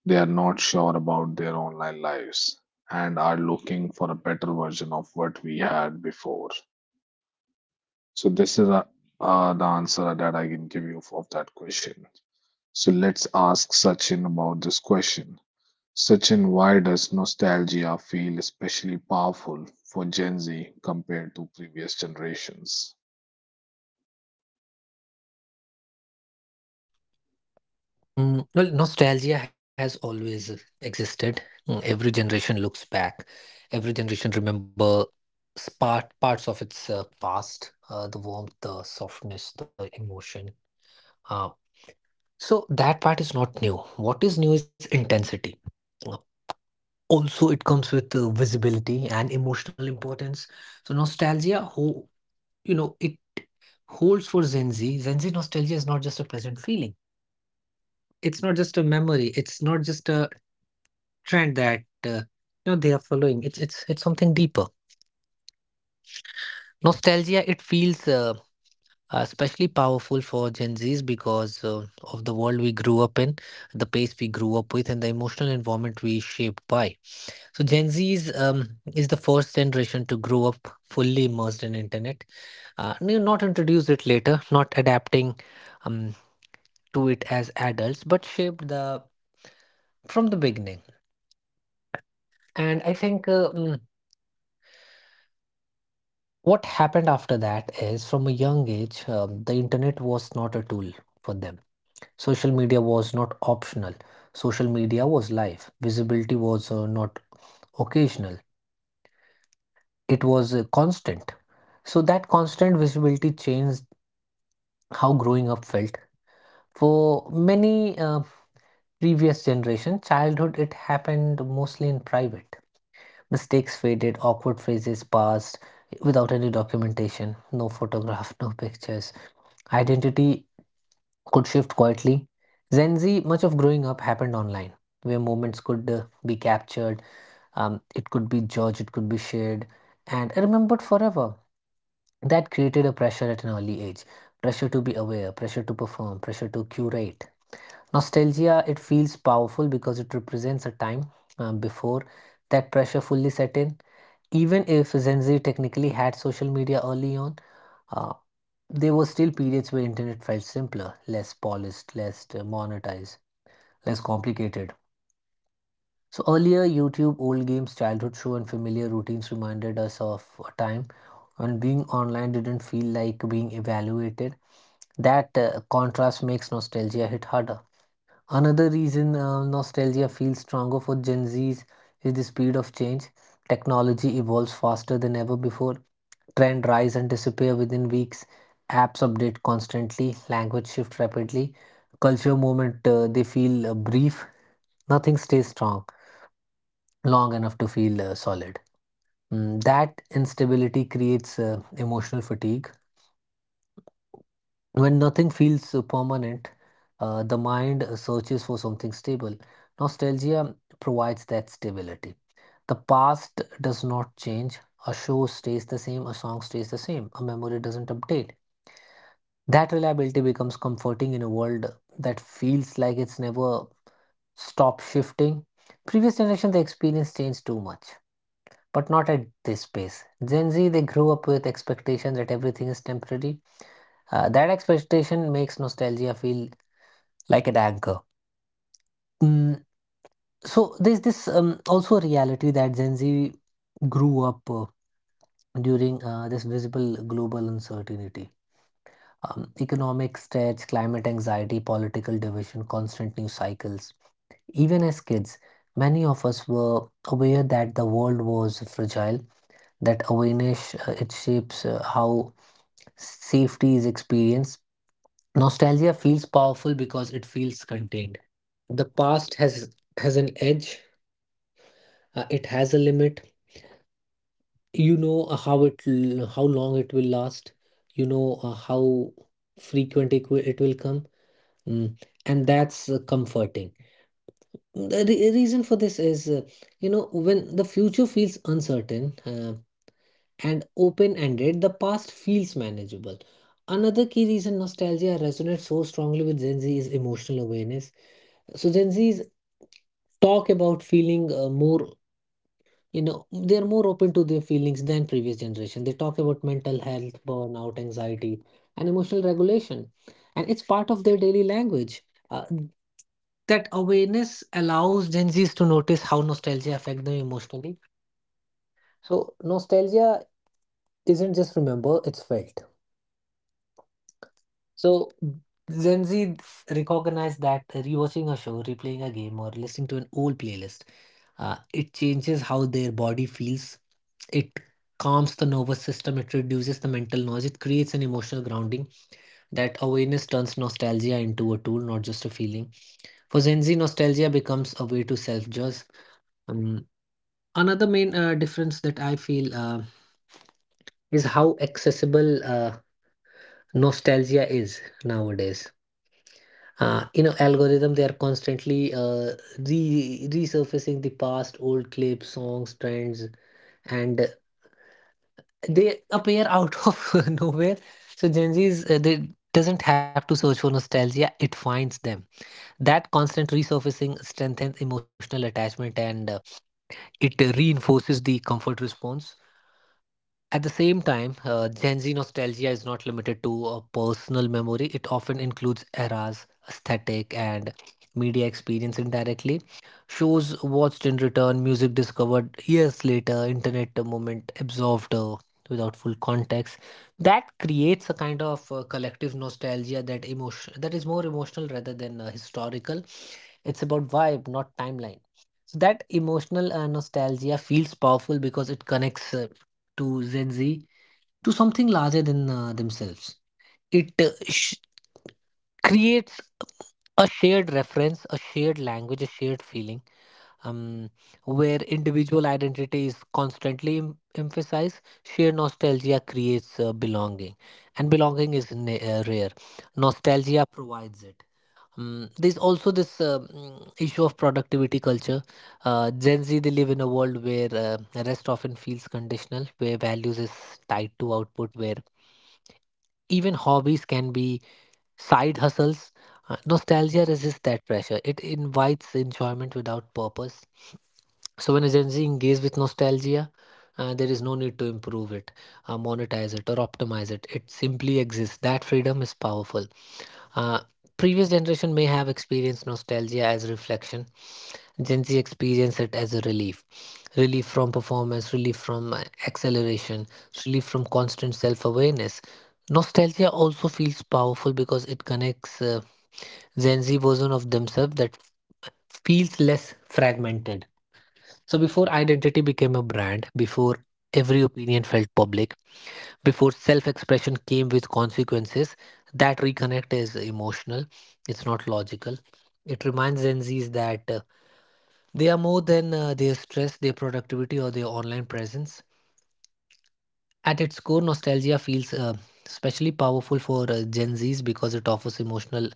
They are not sure about their online lives and are looking for a better version of what we had before. So this is the answer that I can give you of that question. So let's ask Sachin about this question. Sachin, why does nostalgia feel especially powerful for Gen Z compared to previous generations? Mm, well, nostalgia has always existed. Mm, every generation looks back. Every generation remember parts of its past, the warmth, the softness, the emotion. Uh, so that part is not new. What is new is intensity. Uh, Also, it comes with visibility and emotional importance. So nostalgia, it holds for Gen Z. Gen Z nostalgia is not just a pleasant feeling. It's not just a memory. It's not just a trend that they are following. It's something deeper. Nostalgia, it feels especially powerful for Gen Zs because of the world we grew up in, the pace we grew up with, and the emotional environment we shaped by. So Gen Z's is the first generation to grow up fully immersed in internet. Not introduce it later, not adapting um, to it as adults, but shaped the from the beginning. And I think what happened after that is from a young age, the internet was not a tool for them. Social media was not optional. Social media was life. Visibility was not occasional. It was constant. So that constant visibility changed how growing up felt for many, previous generation childhood it happened mostly in private, mistakes faded, awkward phrases passed without any documentation, no photograph no pictures. Identity could shift quietly. Gen Z, much of growing up happened online where moments could be captured, it could be judged, it could be shared and remembered forever. That created a pressure at an early age, pressure to be aware, pressure to perform, pressure to curate. Nostalgia, it feels powerful because it represents a time before that pressure fully set in. Even if Gen Z technically had social media early on, uh, there were still periods where internet felt simpler, less polished, less monetized, less complicated. So earlier, YouTube, old games, childhood show, and familiar routines reminded us of a time when being online didn't feel like being evaluated. That contrast makes nostalgia hit harder. Another reason nostalgia feels stronger for Gen Zs is the speed of change. Technology evolves faster than ever before. Trend rise and disappear within weeks. Apps update constantly. Language shift rapidly. Culture movement they feel brief. Nothing stays strong long enough to feel solid. Mm, that instability creates emotional fatigue. When nothing feels permanent, the mind searches for something stable. Nostalgia provides that stability. The past does not change. A show stays the same, a song stays the same, a memory doesn't update. That reliability becomes comforting in a world that feels like it's never stopped shifting. Previous generation, the experience changed too much but not at this pace. Gen Z, they grew up with expectations that everything is temporary. That expectation makes nostalgia feel like an anchor. Mm, so there's this also a reality that Gen Z grew up during this visible global uncertainty. Economic stretch, climate anxiety, political division, constant news cycles. Even as kids, many of us were aware that the world was fragile. That awareness it shapes how safety is experience. Nostalgia feels powerful because it feels contained. The past has an edge. It has a limit. You know how long it will last. You know how frequent it will come. Mm. And that's comforting. The reason for this is, when the future feels uncertain, and open ended, the past feels manageable. Another key reason nostalgia resonates so strongly with Gen Z is emotional awareness. So, Gen Zs talk about feeling more, they're more open to their feelings than previous generation. They talk about mental health, burnout, anxiety, and emotional regulation. And it's part of their daily language. Uh, that awareness allows Gen Zs to notice how nostalgia affects them emotionally. So, nostalgia isn't just remember, it's felt. So Gen Z recognize that rewatching a show, replaying a game, or listening to an old playlist, it changes how their body feels. It calms the nervous system. It reduces the mental noise. It creates an emotional grounding. That awareness turns nostalgia into a tool, not just a feeling. For Gen Z, nostalgia becomes a way to self-judge. Um, another main difference that I feel is how accessible nostalgia is nowadays. Algorithm they are constantly, resurfacing the past, old clips, songs, trends, and they appear out of nowhere. So Gen Z's they doesn't have to search for nostalgia, it finds them. That constant resurfacing strengthens emotional attachment, and it reinforces the comfort response. At the same time, Gen Z nostalgia is not limited to a personal memory. It often includes eras, aesthetic, and media experience indirectly. Shows watched in return, music discovered years later, internet moment absorbed without full context. That creates a kind of collective nostalgia, that emotion that is more emotional rather than historical. It's about vibe, not timeline. So that emotional nostalgia feels powerful because it connects to Gen Z to something larger than themselves. It creates a shared reference, a shared language, a shared feeling, um, where individual identity is constantly emphasized. Shared nostalgia creates belonging, and belonging is rare. Nostalgia provides it. There's also this issue of productivity culture. Gen Z, they live in a world where rest often feels conditional, where values is tied to output, where even hobbies can be side hustles. Nostalgia resists that pressure. It invites enjoyment without purpose. So when a Gen Z engages with nostalgia, there is no need to improve it, monetize it, or optimize it. It simply exists. That freedom is powerful. Uh, Previous generation may have experienced nostalgia as reflection. Gen Z experience it as a relief. Relief from performance, relief from acceleration, relief from constant self awareness. Nostalgia also feels powerful because it connects Gen Z version of themselves that feels less fragmented. So, before identity became a brand, before every opinion felt public, before self expression came with consequences. That reconnect is emotional, it's not logical. It reminds Gen Zs that they are more than their stress, their productivity, or their online presence. At its core, nostalgia feels especially powerful for Gen Zs because it offers emotional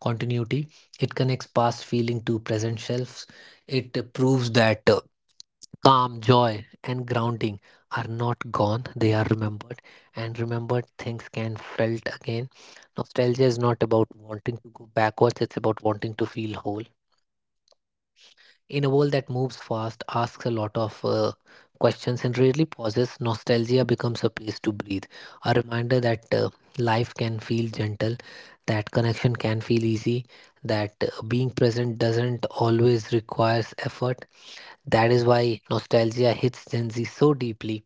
continuity. It connects past feeling to present selves. It proves that calm, joy, and grounding are not gone, they are remembered, and remembered things can felt again. Nostalgia is not about wanting to go backwards, it's about wanting to feel whole. In a world that moves fast, asks a lot of questions, and rarely pauses, nostalgia becomes a place to breathe. A reminder that life can feel gentle, that connection can feel easy, that being present doesn't always requires effort. That is why nostalgia hits Gen Z so deeply,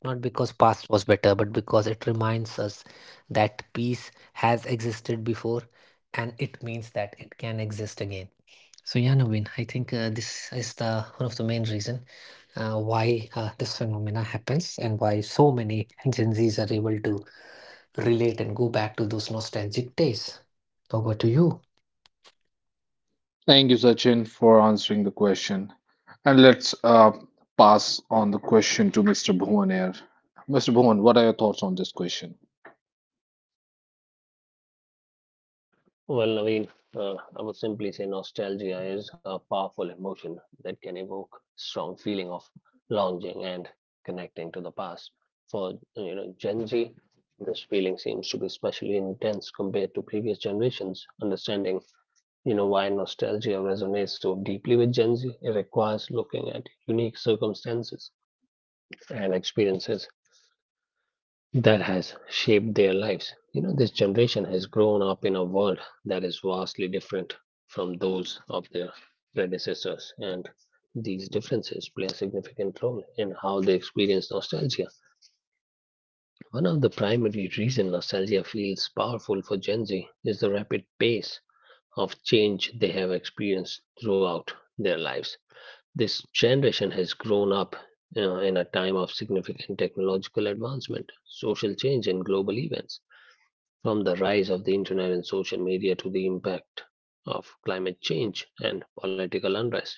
not because past was better, but because it reminds us that peace has existed before and it means that it can exist again. So yeah, Naveen, I think this is the one of the main reason why this phenomena happens and why so many Gen Zs are able to relate and go back to those nostalgic days. Over to you. Thank you, Sachin, for answering the question. And let's pass on the question to Mr. Bhuvan here. Mr. Bhuvan, what are your thoughts on this question? Well, Naveen, I would simply say nostalgia is a powerful emotion that can evoke strong feeling of longing and connecting to the past. For you know Gen Z, this feeling seems to be especially intense compared to previous generations. Understanding you know why nostalgia resonates so deeply with Gen Z? It requires looking at unique circumstances and experiences that has shaped their lives. You know, this generation has grown up in a world that is vastly different from those of their predecessors, and these differences play a significant role in how they experience nostalgia. One of the primary reasons nostalgia feels powerful for Gen Z is the rapid pace of change they have experienced throughout their lives. This generation has grown up in a time of significant technological advancement, social change, and global events. From the rise of the internet and social media to the impact of climate change and political unrest,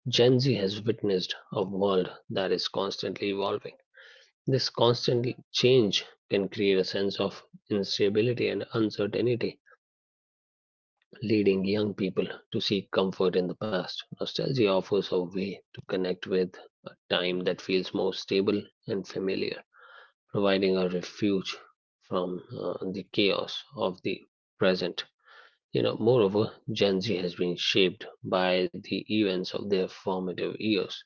Gen Z has witnessed a world that is constantly evolving. This constant change can create a sense of instability and uncertainty leading young people to seek comfort in the past. Nostalgia offers a way to connect with a time that feels more stable and familiar, providing a refuge from the chaos of the present. You know, moreover, Gen Z has been shaped by the events of their formative years.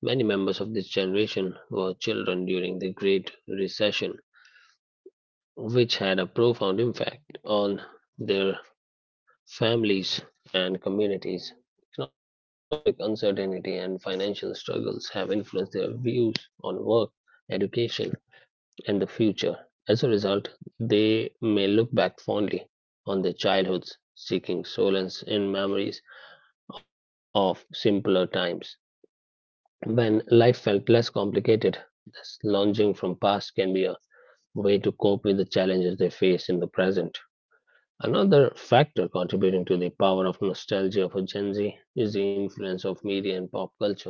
Many members of this generation were children during the Great Recession, which had a profound impact on their families and communities. Economic uncertainty and financial struggles have influenced their views on work, education, and the future. As a result, they may look back fondly on their childhoods, seeking solace in memories of simpler times when life felt less complicated. Thus, lunging from past can be a way to cope with the challenges they face in the present. Another factor contributing to the power of nostalgia for Gen Z is the influence of media and pop culture.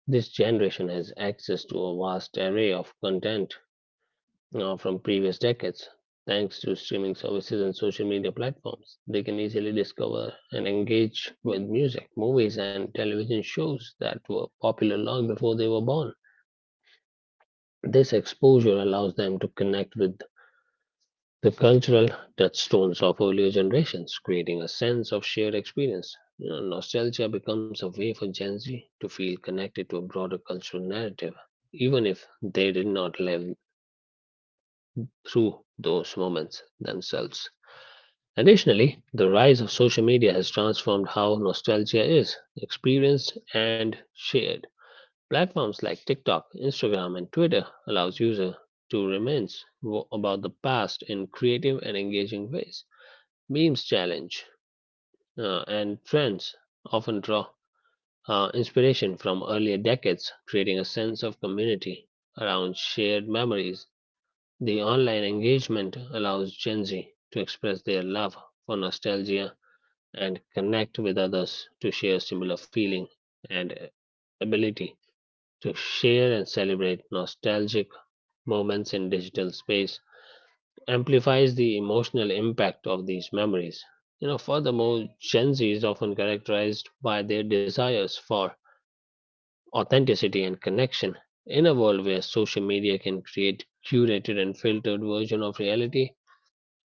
This generation has access to a vast array of content from previous decades. Thanks to streaming services and social media platforms, they can easily discover and engage with music, movies, and television shows that were popular long before they were born. This exposure allows them to connect with the cultural touchstones of earlier generations, creating a sense of shared experience. You know, nostalgia becomes a way for Gen Z to feel connected to a broader cultural narrative, even if they did not live through those moments themselves. Additionally, the rise of social media has transformed how nostalgia is experienced and shared. Platforms like TikTok, Instagram, and Twitter allows users to reminisce about the past in creative and engaging ways. Beam's challenge and trends often draw inspiration from earlier decades, creating a sense of community around shared memories. The online engagement allows Gen Z to express their love for nostalgia and connect with others to share similar feeling and ability to share and celebrate nostalgic moments in digital space amplifies the emotional impact of these memories. You know, furthermore, Gen Z is often characterized by their desires for authenticity and connection. In a world where social media can create curated and filtered version of reality,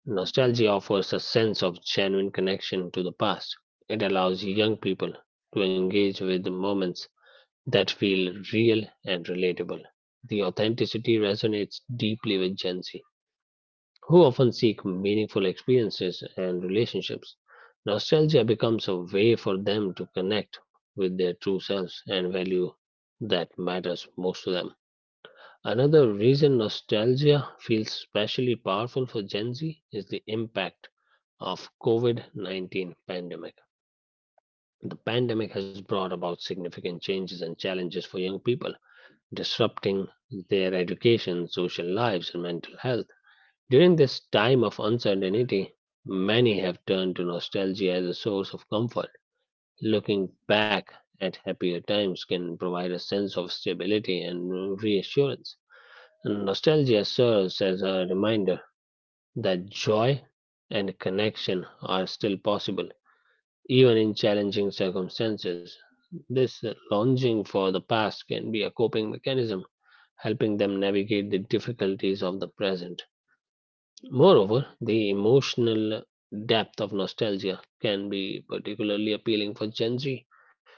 nostalgia offers a sense of genuine connection to the past. It allows young people to engage with the moments that feel real and relatable. The authenticity resonates deeply with Gen Z who often seek meaningful experiences and relationships. Nostalgia becomes a way for them to connect with their true selves and value that matters most to them. Another reason nostalgia feels especially powerful for Gen Z is the impact of COVID-19 pandemic. The pandemic has brought about significant changes and challenges for young people, disrupting their education, social lives and mental health. During this time of uncertainty, many have turned to nostalgia as a source of comfort. Looking back at happier times can provide a sense of stability and reassurance. Nostalgia serves as a reminder that joy and connection are still possible, even in challenging circumstances. This longing for the past can be a coping mechanism, helping them navigate the difficulties of the present. Moreover, the emotional depth of nostalgia can be particularly appealing for Gen Z.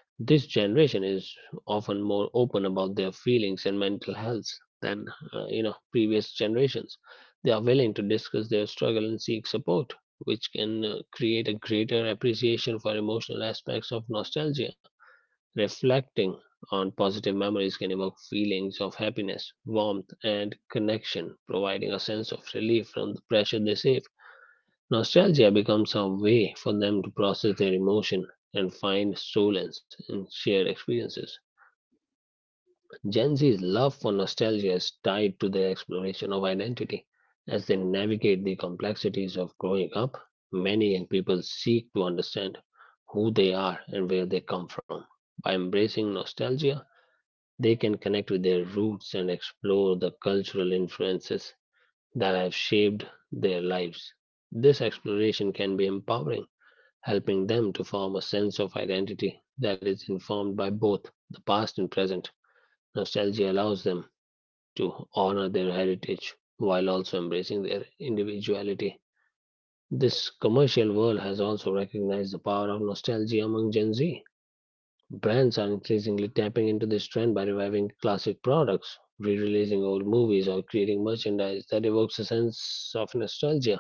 This generation is often more open about their feelings and mental health than you know previous generations. They are willing to discuss their struggle and seek support, which can create a greater appreciation for emotional aspects of nostalgia. Reflecting on positive memories can evoke feelings of happiness, warmth, and connection, providing a sense of relief from the pressure they save. Nostalgia becomes a way for them to process their emotion and find solace in shared experiences. Gen Z's love for nostalgia is tied to their exploration of identity. As they navigate the complexities of growing up, many young people seek to understand who they are and where they come from. By embracing nostalgia, they can connect with their roots and explore the cultural influences that have shaped their lives. This exploration can be empowering, helping them to form a sense of identity that is informed by both the past and present. Nostalgia allows them to honor their heritage while also embracing their individuality. This commercial world has also recognized the power of nostalgia among Gen Z. Brands are increasingly tapping into this trend by reviving classic products, re-releasing old movies, or creating merchandise that evokes a sense of nostalgia.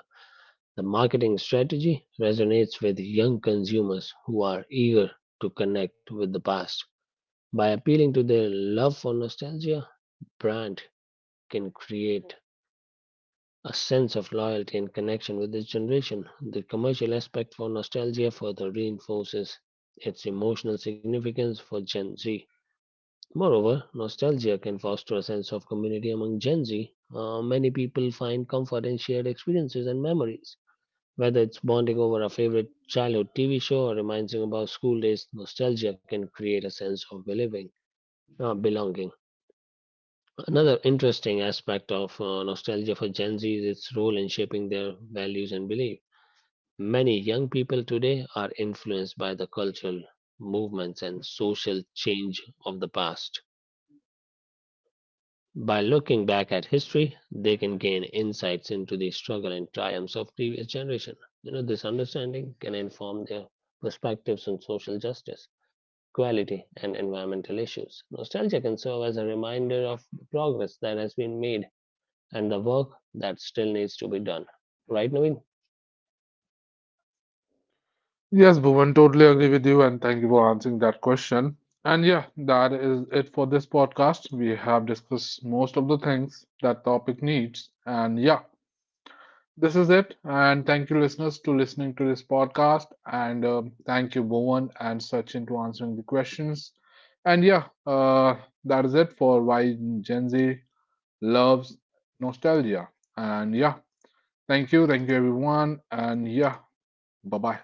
The marketing strategy resonates with young consumers who are eager to connect with the past. By appealing to their love for nostalgia, brand can create a sense of loyalty and connection with its generation. The commercial aspect for nostalgia further reinforces its emotional significance for Gen Z. Moreover, nostalgia can foster a sense of community among Gen Z. Many people find comfort in shared experiences and memories. Whether it's bonding over a favorite childhood TV show or reminding about school days, nostalgia can create a sense of belonging. Uh, belonging. Another interesting aspect of nostalgia for Gen Z is its role in shaping their values and beliefs. Many young people today are influenced by the cultural movements and social change of the past. By looking back at history, they can gain insights into the struggle and triumphs of previous generation. You know, this understanding can inform their perspectives on social justice, equality, and environmental issues. Nostalgia can serve as a reminder of the progress that has been made and the work that still needs to be done. Right, Naveen? Yes, Bhuvan, totally agree with you, and thank you for answering that question. And yeah, that is it for this podcast. We have discussed most of the things that topic needs, and yeah, this is it. And thank you, listeners, to listening to this podcast, and thank you, Bhuvan and Sachin, to answering the questions. And yeah, that is it for why Gen Z loves nostalgia. And yeah, thank you, everyone, and yeah, bye bye.